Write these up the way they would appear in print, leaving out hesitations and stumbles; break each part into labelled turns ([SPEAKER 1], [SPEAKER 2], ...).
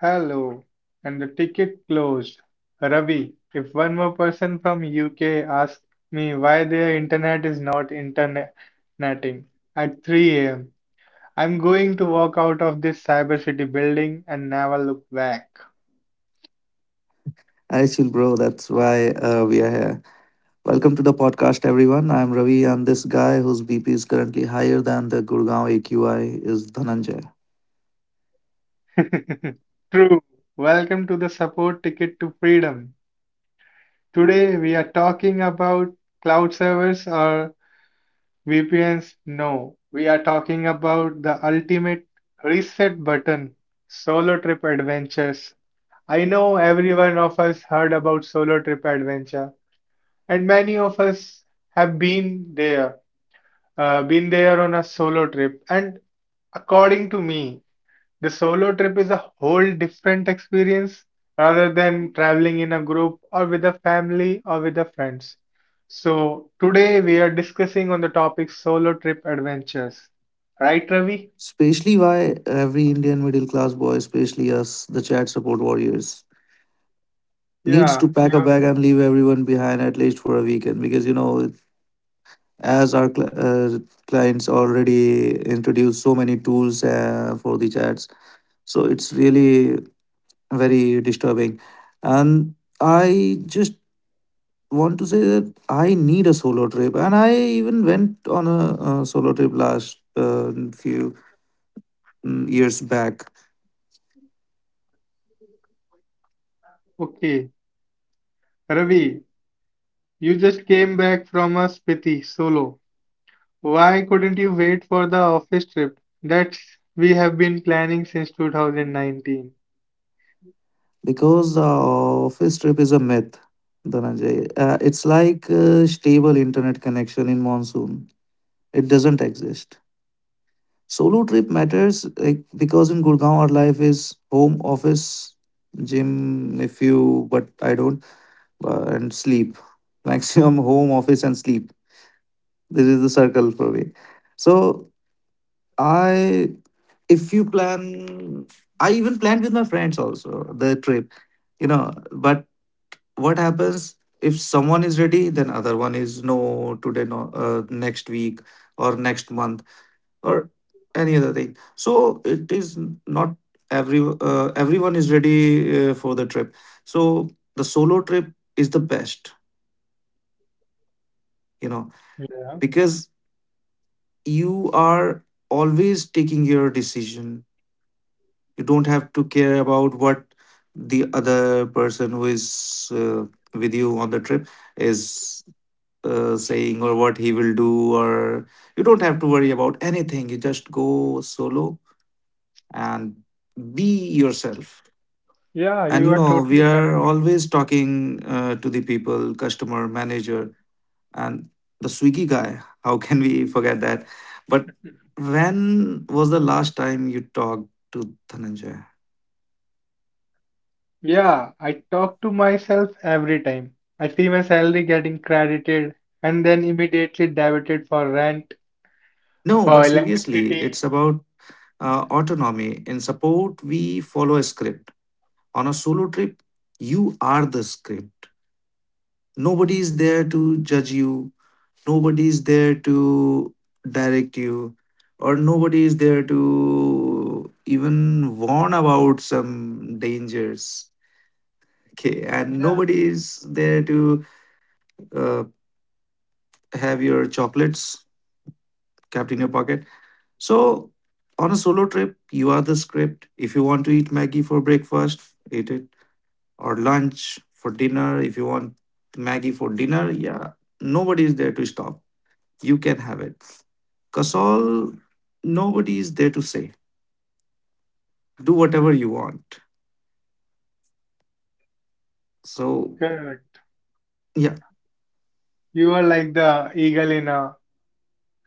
[SPEAKER 1] Hello, and the ticket closed. Ravi, if one more person from UK asks me why their internet is not interneting at 3 a.m., I'm going to walk out of this Cyber City building and never look back.
[SPEAKER 2] I chill, bro. That's why we are here. Welcome to the podcast, everyone. I'm Ravi, and this guy whose BP is currently higher than the Gurgaon AQI is Dhananjay.
[SPEAKER 1] True. Welcome to the support ticket to freedom. Today we are talking about cloud servers or VPNs, no. We are talking about the ultimate reset button, solo trip adventures. I know every one of us heard about solo trip adventure, and many of us have there, been there on a solo trip. And according to me, the solo trip is a whole different experience rather than traveling in a group or with a family or with the friends. So today we are discussing on the topic solo trip adventures. Right, Ravi?
[SPEAKER 2] Especially why every Indian middle class boy, especially us, the chat support warriors, needs to
[SPEAKER 1] Yeah.
[SPEAKER 2] pack a bag and leave everyone behind at least for a weekend. Because, you know, as our uh, clients already introduced so many tools for the chats, so it's really very disturbing. And I just want to say that I need a solo trip, and I even went on a, solo trip last few years back
[SPEAKER 1] Okay. Ravi, you just came back from a Spiti solo. Why couldn't you wait for the office trip that we have been planning since 2019?
[SPEAKER 2] because the office trip is a myth. Dhananjay, it's like a stable internet connection in monsoon. It doesn't exist. Solo trip matters like because in Gurgaon our life is home, office, gym, if you but I don't and sleep. Maximum home, office, and sleep. This is the circle for me. So I if you plan I even planned with my friends also the trip. You know, but what happens if someone is ready, then other one is no today, no next week or next month or any other thing. So it is not everyone is ready for the trip. So the solo trip is the best, you know, because you are always taking your decision. You don't have to care about what the other person who is with you on the trip is saying, or what he will do, or you don't have to worry about anything. You just go solo and be yourself.
[SPEAKER 1] Yeah,
[SPEAKER 2] And
[SPEAKER 1] you
[SPEAKER 2] you
[SPEAKER 1] are
[SPEAKER 2] know, we
[SPEAKER 1] totally
[SPEAKER 2] are
[SPEAKER 1] correct.
[SPEAKER 2] always talking to the people, customer manager and the Swiggy guy, how can we forget that? But when was the last time you talked to Dhananjay?
[SPEAKER 1] Yeah, I talk to myself every time. I see my salary getting credited and then immediately debited for rent,
[SPEAKER 2] No, but
[SPEAKER 1] for
[SPEAKER 2] seriously,
[SPEAKER 1] electricity.
[SPEAKER 2] it's about autonomy. In support, we follow a script. On a solo trip, you are the script. Nobody is there to judge you, nobody is there to direct you, or nobody is there to even warn about some dangers. Okay, and
[SPEAKER 1] Yeah,
[SPEAKER 2] nobody is there to uh, have your chocolates kept in your pocket. So, on a solo trip, you are the script. If you want to eat Maggie for breakfast, eat it. Or lunch for dinner. If you want Maggie for dinner, yeah, nobody is there to stop. You can have it. Kasol, nobody is there to say, do whatever you want. So,
[SPEAKER 1] good.
[SPEAKER 2] yeah,
[SPEAKER 1] You are like the eagle in a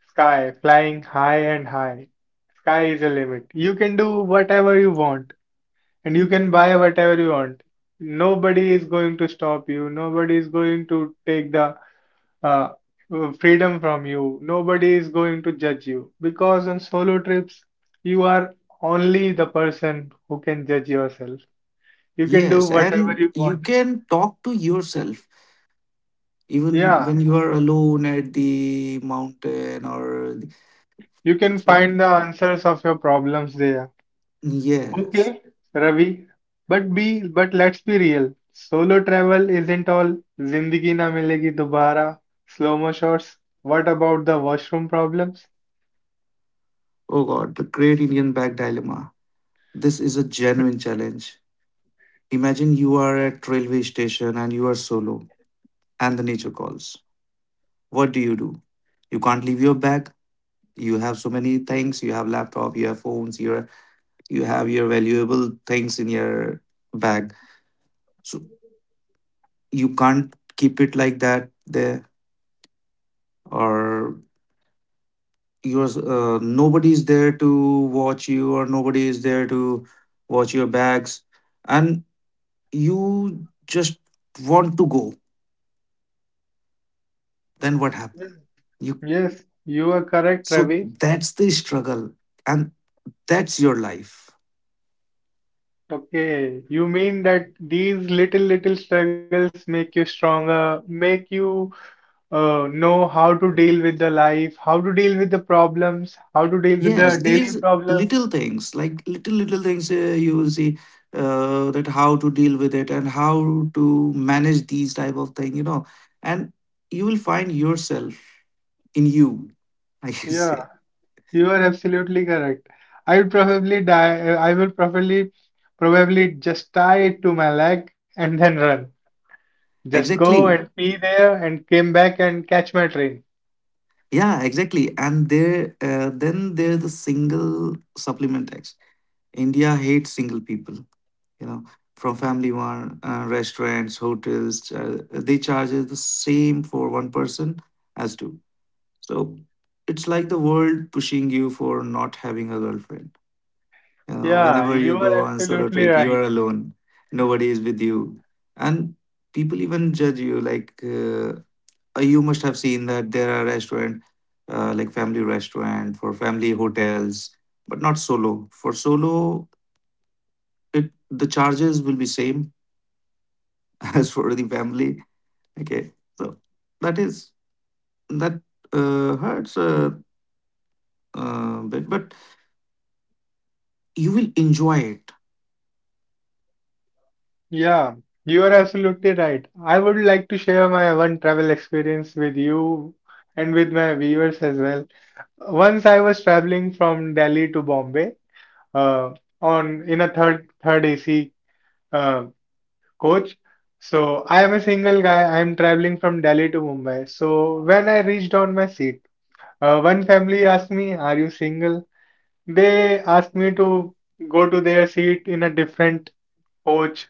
[SPEAKER 1] sky, flying high and high. Sky is the limit. You can do whatever you want and you can buy whatever you want. Nobody is going to stop you. Nobody is going to take the uh, freedom from you. Nobody is going to judge you because on solo trips, you are only the person who can judge yourself. You can do
[SPEAKER 2] yes.
[SPEAKER 1] whatever
[SPEAKER 2] And
[SPEAKER 1] you
[SPEAKER 2] you
[SPEAKER 1] want.
[SPEAKER 2] can talk to yourself even
[SPEAKER 1] Yeah,
[SPEAKER 2] when you are alone at the mountain
[SPEAKER 1] you can
[SPEAKER 2] so,
[SPEAKER 1] find the answers of your problems there.
[SPEAKER 2] yes.
[SPEAKER 1] Okay, Ravi, but let's be real. Solo travel isn't all Zindagi na milegi dobara, slow-mo shots. What about the washroom problems?
[SPEAKER 2] Oh God, the great Indian bag dilemma. This is a genuine challenge. Imagine you are at railway station and you are solo and the nature calls. What do? You can't leave your bag. You have so many things. You have laptop, you have phones, you have your valuable things in your bag. So you can't keep it like that there, or you're nobody is there to watch you, or nobody is there to watch your bags, and you just want to go. Then what happened?
[SPEAKER 1] Mm.
[SPEAKER 2] You
[SPEAKER 1] Yes, you are correct,
[SPEAKER 2] So
[SPEAKER 1] Ravi.
[SPEAKER 2] that's the struggle, and that's your life.
[SPEAKER 1] Okay, you mean that these little little struggles make you stronger, make you know how to deal with the life, how to deal with the problems, how to deal with
[SPEAKER 2] Yes,
[SPEAKER 1] the daily
[SPEAKER 2] these
[SPEAKER 1] problems.
[SPEAKER 2] little things, like little little things, you will see that how to deal with it and how to manage these type of thing, you know. And you will find yourself in you, I can
[SPEAKER 1] Yeah,
[SPEAKER 2] say.
[SPEAKER 1] you are absolutely correct. I would probably die. I will probably just tie it to my leg and then run. Just go
[SPEAKER 2] Exactly.
[SPEAKER 1] and pee there and came back and catch my train.
[SPEAKER 2] Yeah, exactly. And there then there's the single supplement tax. India hates single people, you know, from family. One restaurants, hotels, they charge us the same for one person as two. So it's like the world pushing you for not having a girlfriend. You know,
[SPEAKER 1] Yeah,
[SPEAKER 2] whenever you
[SPEAKER 1] you are
[SPEAKER 2] go on solo
[SPEAKER 1] absolutely
[SPEAKER 2] trip, you are
[SPEAKER 1] right.
[SPEAKER 2] alone, nobody is with you. And people even judge you, like, you must have seen that there are restaurant, like family restaurant for family hotels, but not solo. For solo, it the charges will be same as for the family. Okay, so that is that hurts a bit, but you will enjoy it.
[SPEAKER 1] Yeah, you are absolutely right. I would like to share my one travel experience with you and with my viewers as well. Once I was traveling from Delhi to Bombay uh, on in a third AC uh, coach. So I am a single guy. I am traveling from Delhi to Mumbai. So when I reached on my seat, one family asked me, "Are you single?" They asked me to go to their seat in a different coach.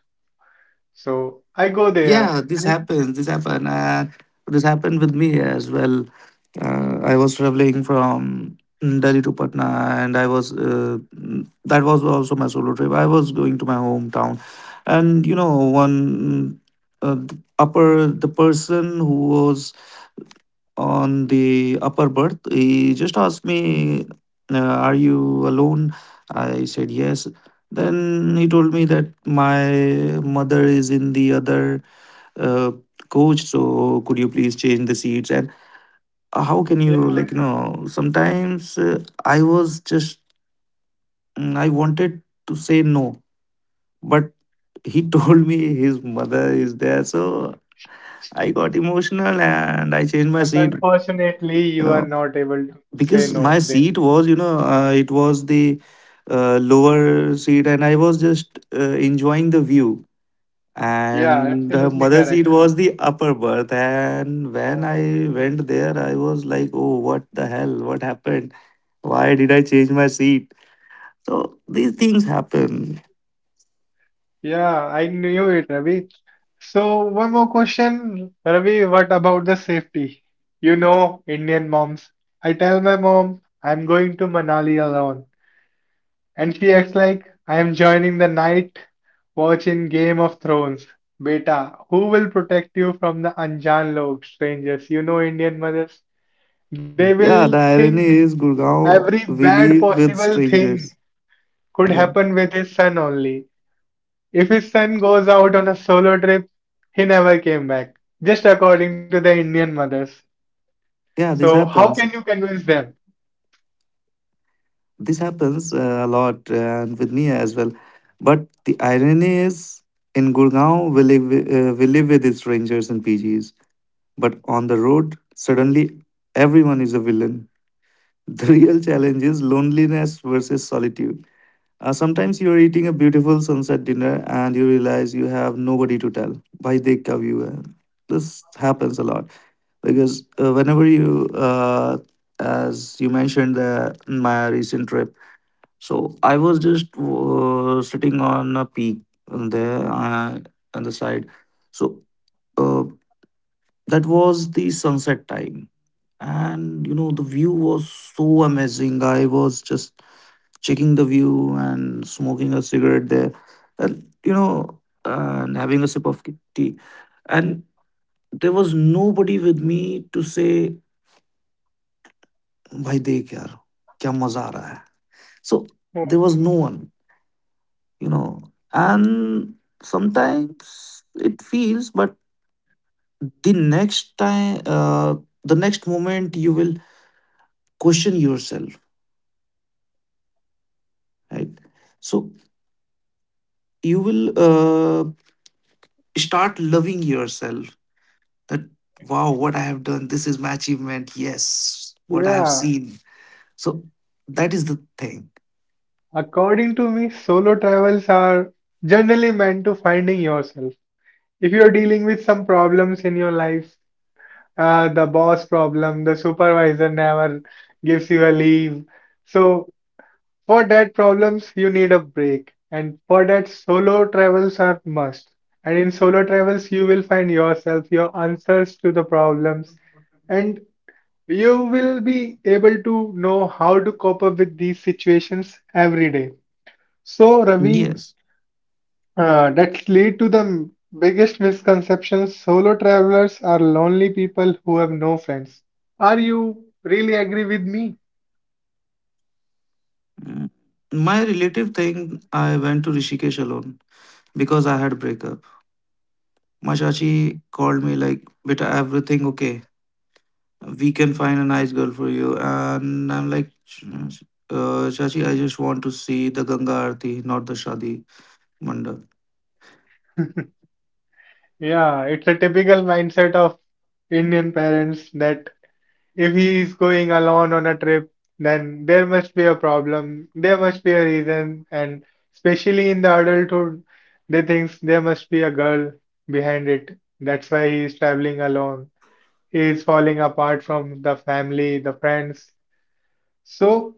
[SPEAKER 1] So I go there.
[SPEAKER 2] Yeah, this
[SPEAKER 1] And
[SPEAKER 2] happens. This happened with me as well. I was traveling from Delhi to Patna, and I was that was also my solo trip. I was going to my hometown. And you know, one the person who was on the upper berth, he just asked me, Are you alone? I said, Yes. Then he told me that my mother is in the other uh, coach, so could you please change the seats? And how can
[SPEAKER 1] yeah.
[SPEAKER 2] you, like, you know, sometimes I was just, I wanted to say no, but he told me his mother is there, so I got emotional and I
[SPEAKER 1] But
[SPEAKER 2] changed my seat,
[SPEAKER 1] unfortunately, you are
[SPEAKER 2] you know.
[SPEAKER 1] not able to say
[SPEAKER 2] Because
[SPEAKER 1] no.
[SPEAKER 2] my
[SPEAKER 1] They,
[SPEAKER 2] seat was, you know, it was the lower seat, and I was just enjoying the view,
[SPEAKER 1] yeah,
[SPEAKER 2] and the
[SPEAKER 1] absolutely
[SPEAKER 2] mother
[SPEAKER 1] correct.
[SPEAKER 2] seat was the upper berth. And when
[SPEAKER 1] Oh,
[SPEAKER 2] I went there, I was like, oh, what the hell, what happened, why did I change my seat? So these things happen.
[SPEAKER 1] yeah, I knew it, Ravi. So, one more question, Ravi, what about the safety? You know, Indian moms. I tell my mom I'm going to Manali alone, and she acts like I am joining the night watch in Game of Thrones. Beta, who will protect you from the Anjan log strangers? You know, Indian mothers. They will
[SPEAKER 2] Yeah, the
[SPEAKER 1] think
[SPEAKER 2] irony is
[SPEAKER 1] every
[SPEAKER 2] Gurgaon we
[SPEAKER 1] bad
[SPEAKER 2] live with
[SPEAKER 1] possible thing
[SPEAKER 2] strangers.
[SPEAKER 1] could
[SPEAKER 2] yeah
[SPEAKER 1] happen with his son only. If his son goes out on a solo trip, he never came back, just according to the Indian mothers.
[SPEAKER 2] yeah, this
[SPEAKER 1] So, how
[SPEAKER 2] happens.
[SPEAKER 1] can you convince them?
[SPEAKER 2] A lot, and with me as well. But the irony is in Gurgaon we live, we live with strangers and PGs, but on the road suddenly everyone is a villain. The real challenge is loneliness versus solitude. Sometimes you are eating a beautiful sunset dinner and you realize you have nobody to tell by the view hai? This happens a lot. Because whenever you as you mentioned my recent trip, so I was just sitting on a peak there, on the side. So, uh, that was the sunset time. And you know, the view was so amazing. I was just checking the view and smoking a cigarette there. And you know, and having a sip of tea. And there was nobody with me to say, Bhai dekh yaar, kya maza aa raha hai. So there was no one. You know, and sometimes it feels, but the next time the next moment you will question yourself, right? So you will start loving yourself, that wow, what I have done, this is my achievement. Yes, what I have
[SPEAKER 1] Yeah,
[SPEAKER 2] seen. So that is the thing.
[SPEAKER 1] according to me, solo travels are generally meant to finding yourself. If you're dealing with some problems in your life, the boss problem, the supervisor never gives you a leave. So for that problems you need a break and for that solo travels are must. And in solo travels you will find yourself, your answers to the problems and you will be able to know how to cope up with these situations every day. So Ravi,
[SPEAKER 2] Yes.
[SPEAKER 1] that lead to the biggest misconceptions. Solo travelers are lonely people who have no friends. Are you really agree with me?
[SPEAKER 2] Mm. My relative thing, I went to Rishikesh alone because I had breakup. My chachi called me like, "Beta, everything okay? We can find a nice girl for you." And I'm like, "Chachi, I just want to see the Ganga Aarti, not the Shadi Mandap."
[SPEAKER 1] Yeah, it's a typical mindset of Indian parents that if he is going alone on a trip, then there must be a problem, there must be a reason, and especially in the adulthood, they think there must be a girl behind it. That's why he is traveling alone. He is falling apart from the family, the friends. So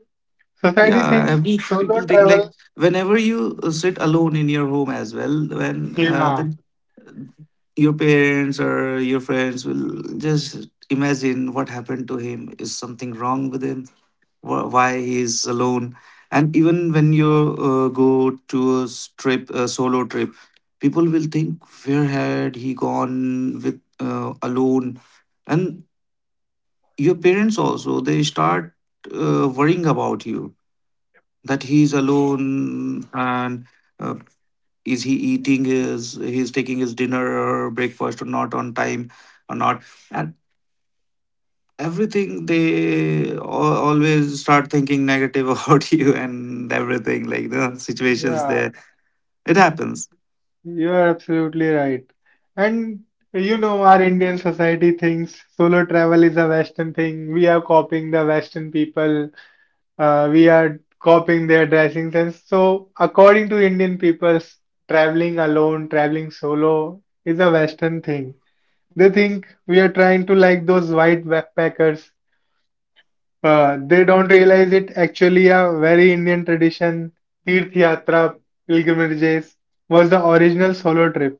[SPEAKER 1] society
[SPEAKER 2] Yeah,
[SPEAKER 1] thinks
[SPEAKER 2] every people
[SPEAKER 1] solo
[SPEAKER 2] think like
[SPEAKER 1] travel,
[SPEAKER 2] whenever you sit alone in your home as well, when
[SPEAKER 1] yeah,
[SPEAKER 2] your parents or your friends will just imagine what happened to him. Is something wrong with him? Why he is alone? And even when you go to a s- trip a solo trip, people will think where had he gone with, alone. And your parents also, they start worrying about you that he's alone, and uh, is he eating his he's taking his dinner or breakfast or not on time or not. And everything, they always start thinking negative about you, and everything like the situations
[SPEAKER 1] yeah.
[SPEAKER 2] there. It happens.
[SPEAKER 1] You're absolutely right. And you know, our Indian society thinks solo travel is a Western thing. We are copying the Western people. We are copying their dressing sense. So, according to Indian people, traveling alone, traveling solo is a Western thing. They think we are trying to like those white backpackers. They don't realize it actually a very Indian tradition. Tirth Yatra, pilgrimages was the original solo trip.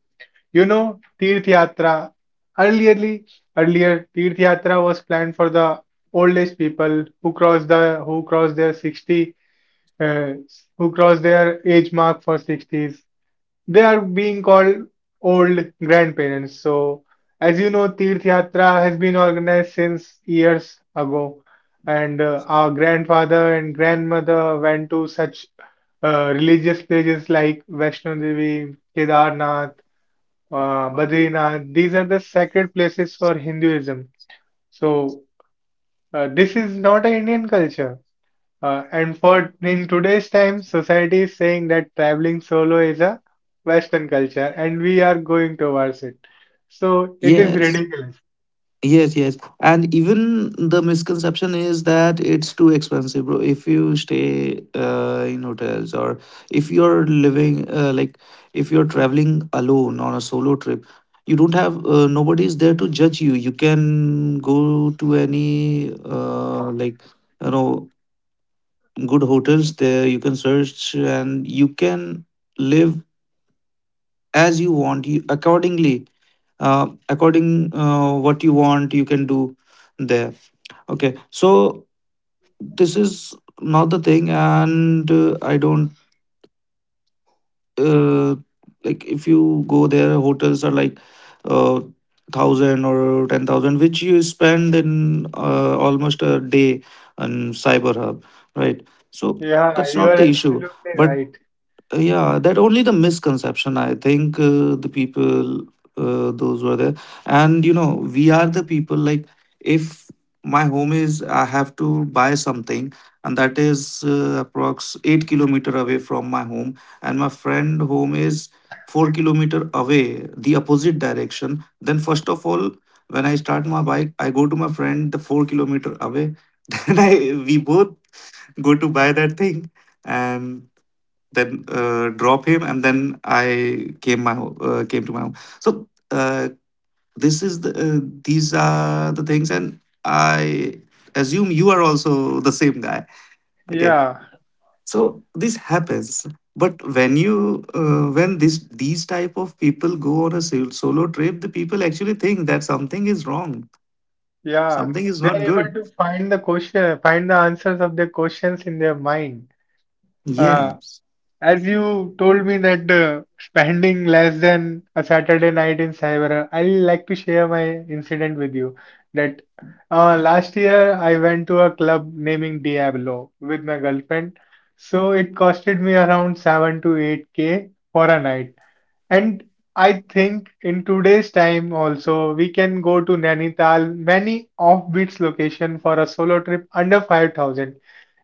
[SPEAKER 1] You know, Tirth Yatra. Earlierly, earlier, Tirth Yatra was planned for the old age people who cross their 60 uh, who cross their age mark for 60s. They are being called old grandparents. So, as you know, Tirth Yatra has been organized since years ago, and our grandfather and grandmother went to such religious places like Vaishno Devi, Kedarnath, Badrinath, these are the sacred places for Hinduism. So, this is not an Indian culture. And for in today's time, society is saying that traveling solo is a Western culture, and we are going towards it. So, it is
[SPEAKER 2] Yes.
[SPEAKER 1] ridiculous.
[SPEAKER 2] Yes and even the misconception is that it's too expensive, bro. If you stay in hotels, or if you're living, like if you're traveling alone on a solo trip, you don't have, nobody's there to judge you. You can go to any, like, you know, good hotels there, you can search, and you can live as you want, you accordingly, according what you want you can do there. Okay, so this is not the thing. And I don't, uh, like if you go there, hotels are like, uh, 1000 or 10,000, which you spend in almost a day on Cyber Hub, right? So
[SPEAKER 1] Yeah,
[SPEAKER 2] that's
[SPEAKER 1] you
[SPEAKER 2] not the
[SPEAKER 1] are
[SPEAKER 2] issue.
[SPEAKER 1] absolutely
[SPEAKER 2] But
[SPEAKER 1] right.
[SPEAKER 2] Yeah, that only the misconception, I think. The people, those were there. And you know, we are the people like, if my home is, I have to buy something, and that is approx 8 kilometer away from my home, and my friend home is 4 kilometer away the opposite direction. Then first of all, when I start my bike, I go to my friend the 4 kilometer away, then I we both go to buy that thing, and then drop him, and then I came came to my home. So this is the, these are the things, and I assume you are also the same guy. Okay,
[SPEAKER 1] Yeah,
[SPEAKER 2] so this happens. But when you when this these type of people go on a solo trip, the people actually think that something is wrong,
[SPEAKER 1] yeah.
[SPEAKER 2] something is
[SPEAKER 1] They are
[SPEAKER 2] not
[SPEAKER 1] able
[SPEAKER 2] good.
[SPEAKER 1] to find the question, find the answers of their questions in their mind. Uh,
[SPEAKER 2] Yes.
[SPEAKER 1] As you told me that spending less than a Saturday night in Cyber, I like to share my incident with you. That last year I went to a club naming Diablo with my girlfriend. So it costed me around 7 to 8K for a night. And I think in today's time also we can go to Nainital, many off-beats location for a solo trip under 5,000.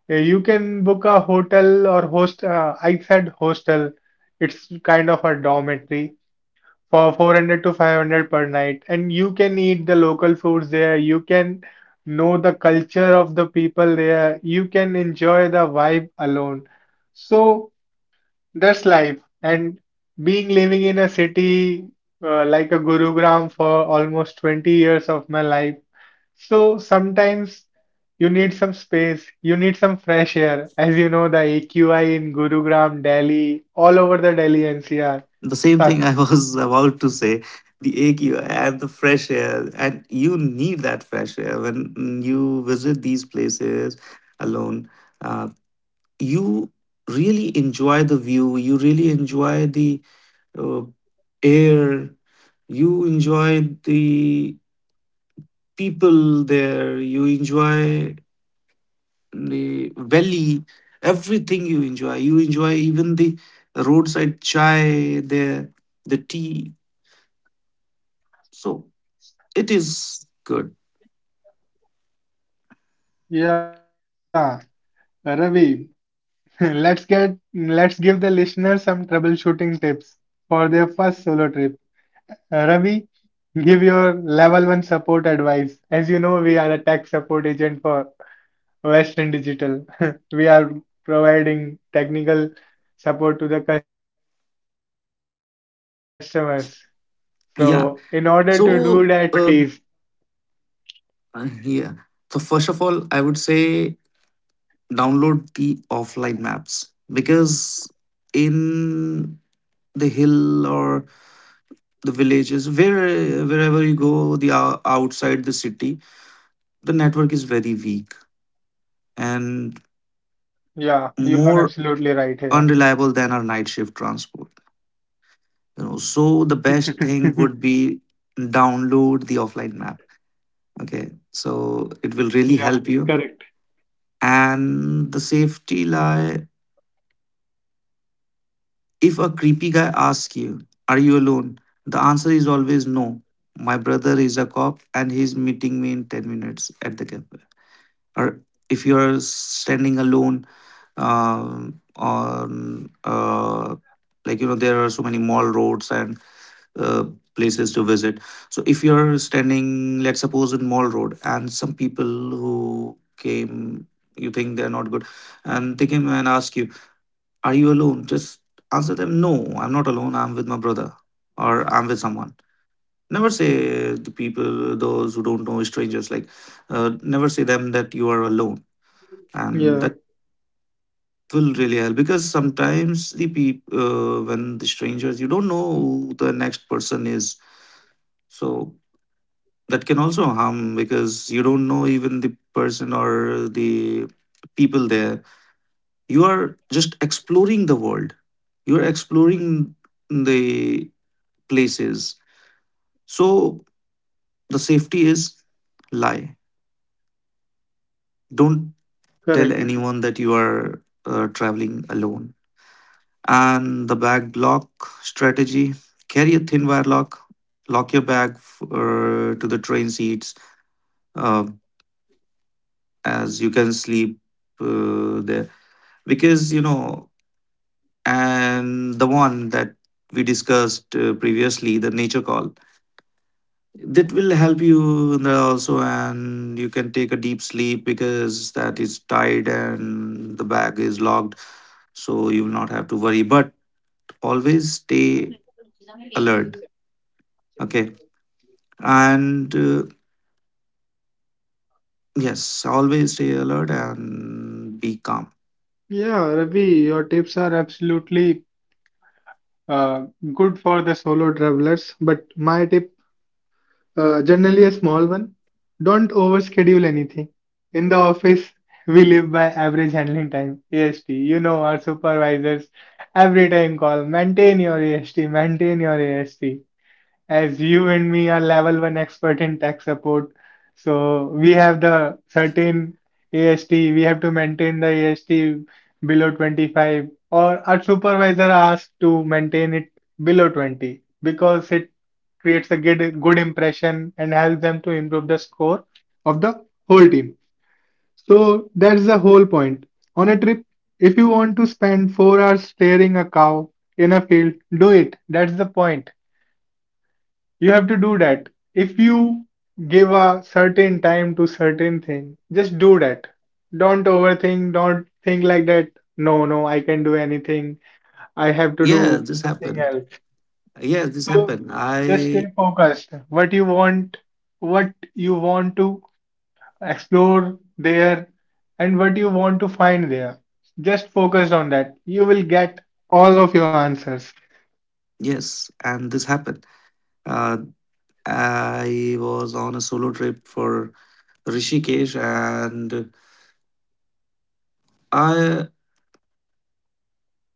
[SPEAKER 1] Yeah, you can book a hotel or host. I said hostel. It's kind of a dormitory for 400 to 500 per night, and you can eat the local foods there. You can know the culture of the people there. You can enjoy the vibe alone. So that's life. And being living in a city like a Gurugram for almost 20 years of my life, so sometimes you need some space, you need some fresh air. As you know, the AQI in Gurugram, Delhi, all over the Delhi NCR
[SPEAKER 2] The same thing I
[SPEAKER 1] suck.
[SPEAKER 2] was about to say. The AQ and the fresh air, and you need that fresh air when you visit these places alone. Uh, you really enjoy the view. You really enjoy the uh, air. You enjoy the people there. You enjoy the valley. Everything you enjoy. You enjoy even the roadside chai there, the tea. So it is good.
[SPEAKER 1] Yeah, Ravi, let's give the listeners some troubleshooting tips for their first solo trip. Ravi, give your level one support advice. As you know, we are a tech support agent for Western Digital. We are providing technical support to the customers. So in order to do that,
[SPEAKER 2] Yeah.
[SPEAKER 1] please help me with the
[SPEAKER 2] So,
[SPEAKER 1] with the your level of expertise.
[SPEAKER 2] yeah. So, first of all, I would say download the offline maps because in the hill or the villages, wherever you go, outside the city, the network is very weak and
[SPEAKER 1] Yeah, you are absolutely
[SPEAKER 2] more
[SPEAKER 1] right here.
[SPEAKER 2] unreliable than our night shift transport. So the best thing would be download the offline map. Okay, so it will
[SPEAKER 1] Yeah,
[SPEAKER 2] really help
[SPEAKER 1] correct.
[SPEAKER 2] you. And the safety lie, if a creepy guy asks you, are you alone? The answer is always no. My brother is a cop and he's meeting me in 10 minutes at the cafe. Or if you're standing alone on there are so many mall roads and uh, places to visit. So if you're standing, let's suppose, in mall road and some people who came, you think they're not good, and they came and ask you, are you alone? Just answer them, no, I'm not alone, I'm with my brother or I'm with someone. Never say the people, those who don't know, strangers, never say them that you are alone. And that
[SPEAKER 1] Yeah,
[SPEAKER 2] will really help because sometimes the people, when the strangers, you don't know who the next person is. So that can also harm because you don't know even the person or the people there. You are just exploring the world. You're exploring the places. So the safety is lie. Don't tell
[SPEAKER 1] correct.
[SPEAKER 2] anyone that you are traveling alone. And the bag lock strategy, carry a thin wire lock, lock your bag to the train seats uh, as you can sleep there. Because, you know, and the one that we discussed previously, the nature call, that will help you in the also, and you can take a deep sleep because that is tied and the bag is locked, so you will not have to worry. But always stay alert, okay? And yes, always stay alert and be calm.
[SPEAKER 1] Yeah, Ravi, your tips are absolutely uh, good for the solo travelers, but my tip generally a small one. Don't overschedule anything. In the office, we live by average handling time, AST. You know our supervisors every time call, maintain your AST, maintain your AST as you and me are level one expert in tech support, so we have the certain AST, we have to maintain the AST below 25, or our supervisor asks to maintain it below 20 because it creates a good, good impression and helps them to improve the score of the whole team. So that's the whole point. On a trip, if you want to spend 4 hours staring a cow in a field, do it. That's the point. You have to do that. If you give a certain time to certain thing, just do that. Don't overthink, don't think like that. No, no, I can do anything. I have to
[SPEAKER 2] Yeah
[SPEAKER 1] do
[SPEAKER 2] this
[SPEAKER 1] something
[SPEAKER 2] happened
[SPEAKER 1] else.
[SPEAKER 2] yeah this
[SPEAKER 1] So
[SPEAKER 2] happened
[SPEAKER 1] just stay
[SPEAKER 2] I
[SPEAKER 1] focused. What you want to explore there and what you want to find there. Just focus on that. You will get all of your answers.
[SPEAKER 2] yes and this happened uh, I was on a solo trip for rishikesh and i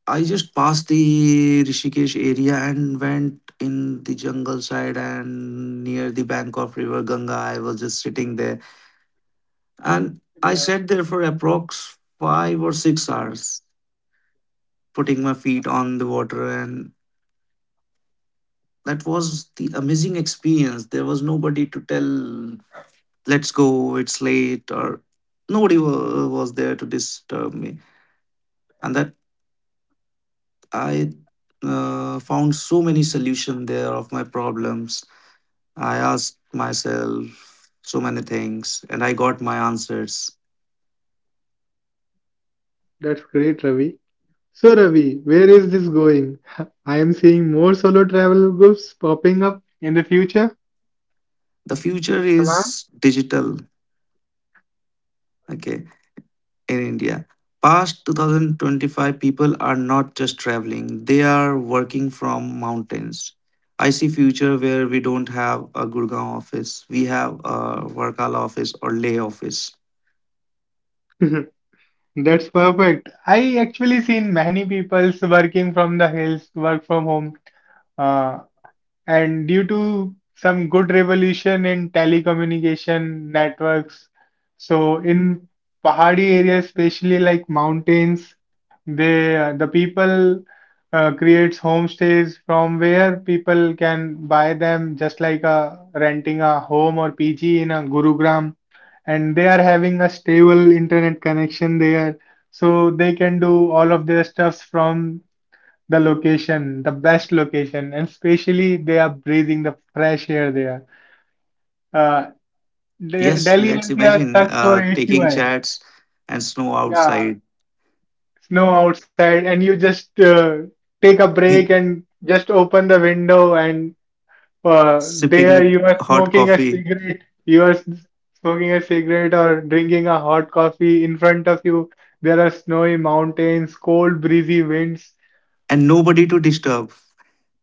[SPEAKER 2] I just passed the Rishikesh area and went in the jungle side and near the bank of River Ganga. I was just sitting there and I
[SPEAKER 1] Yeah,
[SPEAKER 2] sat there for approx 5 or 6 hours, putting my feet on the water. And that was the amazing experience. There was nobody to tell, let's go, it's late, or nobody was there to disturb me. And that I found so many solution there of my problems. I asked myself so many things and I got my answers.
[SPEAKER 1] that's great, Ravi. So, Ravi, where is this going? I am seeing more solo travel groups popping up in the future.
[SPEAKER 2] The future
[SPEAKER 1] Am
[SPEAKER 2] is digital, okay, in India. Past 2025, people are not just traveling, they are working from mountains. I see future where we don't have a Gurgaon office, we have a Varkala office or Leh office.
[SPEAKER 1] I? That's perfect. I actually seen many people's working from the hills, work from home. Uh, And due to some good revolution in telecommunication networks, so in Pahadi areas, especially like mountains, the people creates homestays from where people can buy them just like renting a home or PG in a Gurugram, and they are having a stable internet connection there, so they can do all of their stuffs from the location, the best location, and especially they are breathing the fresh air there. Uh,
[SPEAKER 2] Yes,
[SPEAKER 1] Delhi
[SPEAKER 2] let's
[SPEAKER 1] NCR
[SPEAKER 2] imagine
[SPEAKER 1] sucks for
[SPEAKER 2] taking
[SPEAKER 1] AQI.
[SPEAKER 2] chats and snow
[SPEAKER 1] Yeah,
[SPEAKER 2] outside,
[SPEAKER 1] snow outside, and you just take a break and just open the window, and there
[SPEAKER 2] sipping
[SPEAKER 1] you are
[SPEAKER 2] a hot
[SPEAKER 1] smoking a
[SPEAKER 2] coffee,
[SPEAKER 1] cigarette. You are smoking a cigarette or drinking a hot coffee in front of you. There are snowy mountains, cold breezy winds,
[SPEAKER 2] and nobody to disturb.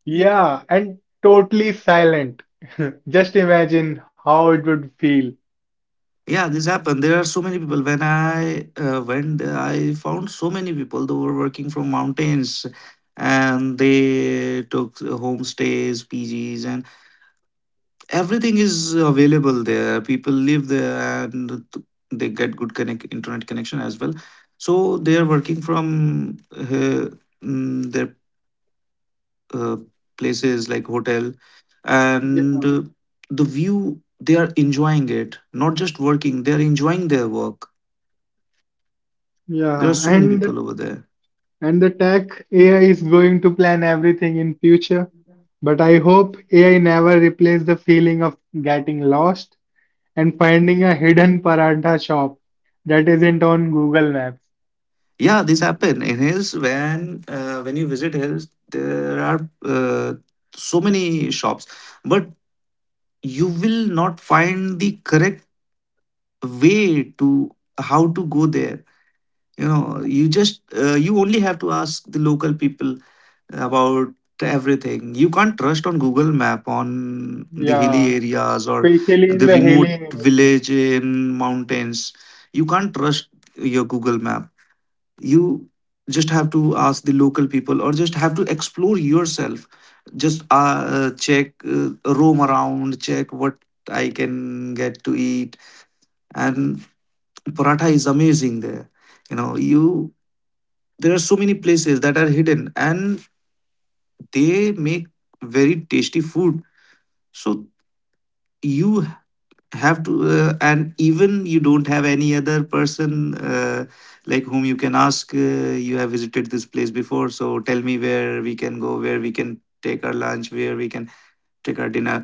[SPEAKER 1] yeah, and totally silent. Just imagine how it would feel.
[SPEAKER 2] Yeah, this happened. There are so many people. When I went, I found so many people who were working from mountains and they took homestays, PGs, and everything is available there. People live there and they get good connect internet connection as well. So they are working from their uh, places like hotel
[SPEAKER 1] Yeah,
[SPEAKER 2] and the view, they are enjoying it, not just working, they are enjoying their work. There are
[SPEAKER 1] yeah,
[SPEAKER 2] so many
[SPEAKER 1] and the
[SPEAKER 2] people over there.
[SPEAKER 1] and the tech AI is going to plan everything in future. But I hope AI never replace the feeling of getting lost and finding a hidden paratha shop that isn't on Google Maps.
[SPEAKER 2] Yeah, this happened in his, when when you visit his, there are so many shops, but you will not find the correct way to how to go there. You know, you only have to ask the local people about everything. You can't trust on Google Map on the hilly
[SPEAKER 1] Yeah,
[SPEAKER 2] areas or
[SPEAKER 1] especially in
[SPEAKER 2] the
[SPEAKER 1] the hilly
[SPEAKER 2] remote
[SPEAKER 1] areas.
[SPEAKER 2] village in mountains. You can't trust your Google Map, you just have to ask the local people or just have to explore yourself, just check, roam around, check what I can get to eat. And paratha is amazing there, you know. You, there are so many places that are hidden and they make very tasty food. So you have to, and even you don't have any other person like whom you can ask, you have visited this place before, so tell me where we can go, where we can take our lunch, where we can take our dinner.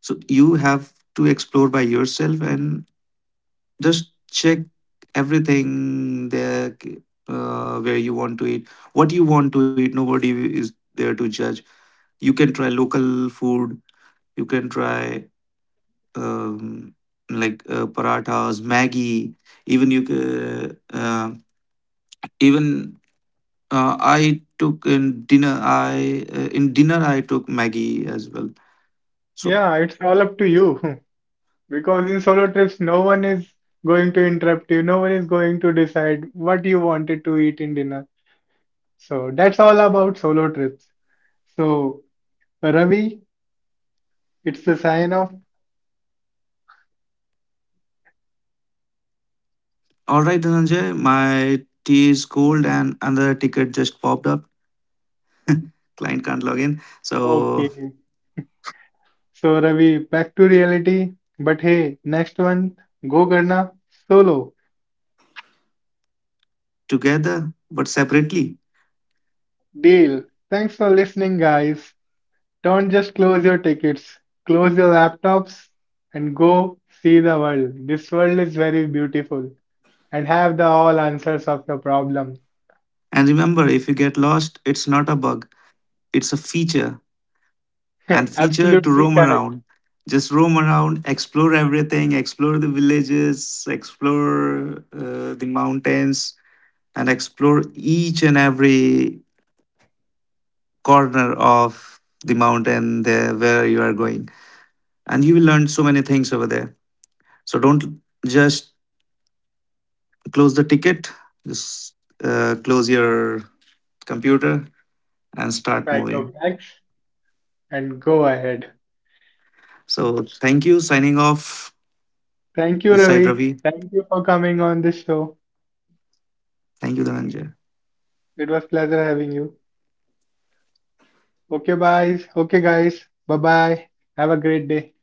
[SPEAKER 2] So you have to explore by yourself and just check everything there, where you want to eat, what you want to eat. Nobody is there to judge. You can try local food. You can try um, parathas, Maggie. Even you can even I took in dinner. I in dinner I took Maggie as well. So
[SPEAKER 1] Yeah, it's all up to you. Because in solo trips, no one is going to interrupt you, no one is going to decide what you wanted to eat in dinner. So that's all about solo trips. So, Ravi, it's the sign off.
[SPEAKER 2] all right, Dhananjay, my tea is cold and another ticket just popped up. Client can't log in. So
[SPEAKER 1] Okay. So, Ravi, back to reality. But hey, next one, go Garna solo.
[SPEAKER 2] together but separately.
[SPEAKER 1] Deal. Thanks for listening, guys. Don't just close your tickets, close your laptops, and go see the world. This world is very beautiful. And have the all answers of your problem.
[SPEAKER 2] And remember, if you get lost, it's not a bug. It's a feature and feature to
[SPEAKER 1] Absolutely
[SPEAKER 2] roam
[SPEAKER 1] correct.
[SPEAKER 2] around. Just roam around, explore everything, explore the villages, explore the mountains, and explore each and every corner of the mountain there where you are going. And you will learn so many things over there. So don't just close the ticket, just close your computer and start
[SPEAKER 1] Pack your
[SPEAKER 2] moving.
[SPEAKER 1] bags and go ahead.
[SPEAKER 2] So thank you. Signing off.
[SPEAKER 1] Thank you,
[SPEAKER 2] This side
[SPEAKER 1] Ravi.
[SPEAKER 2] Ravi.
[SPEAKER 1] Thank you for coming on this show.
[SPEAKER 2] Thank you, Dhananjay.
[SPEAKER 1] It was pleasure having you. Okay, guys. Okay, guys. Bye bye. Have a great day.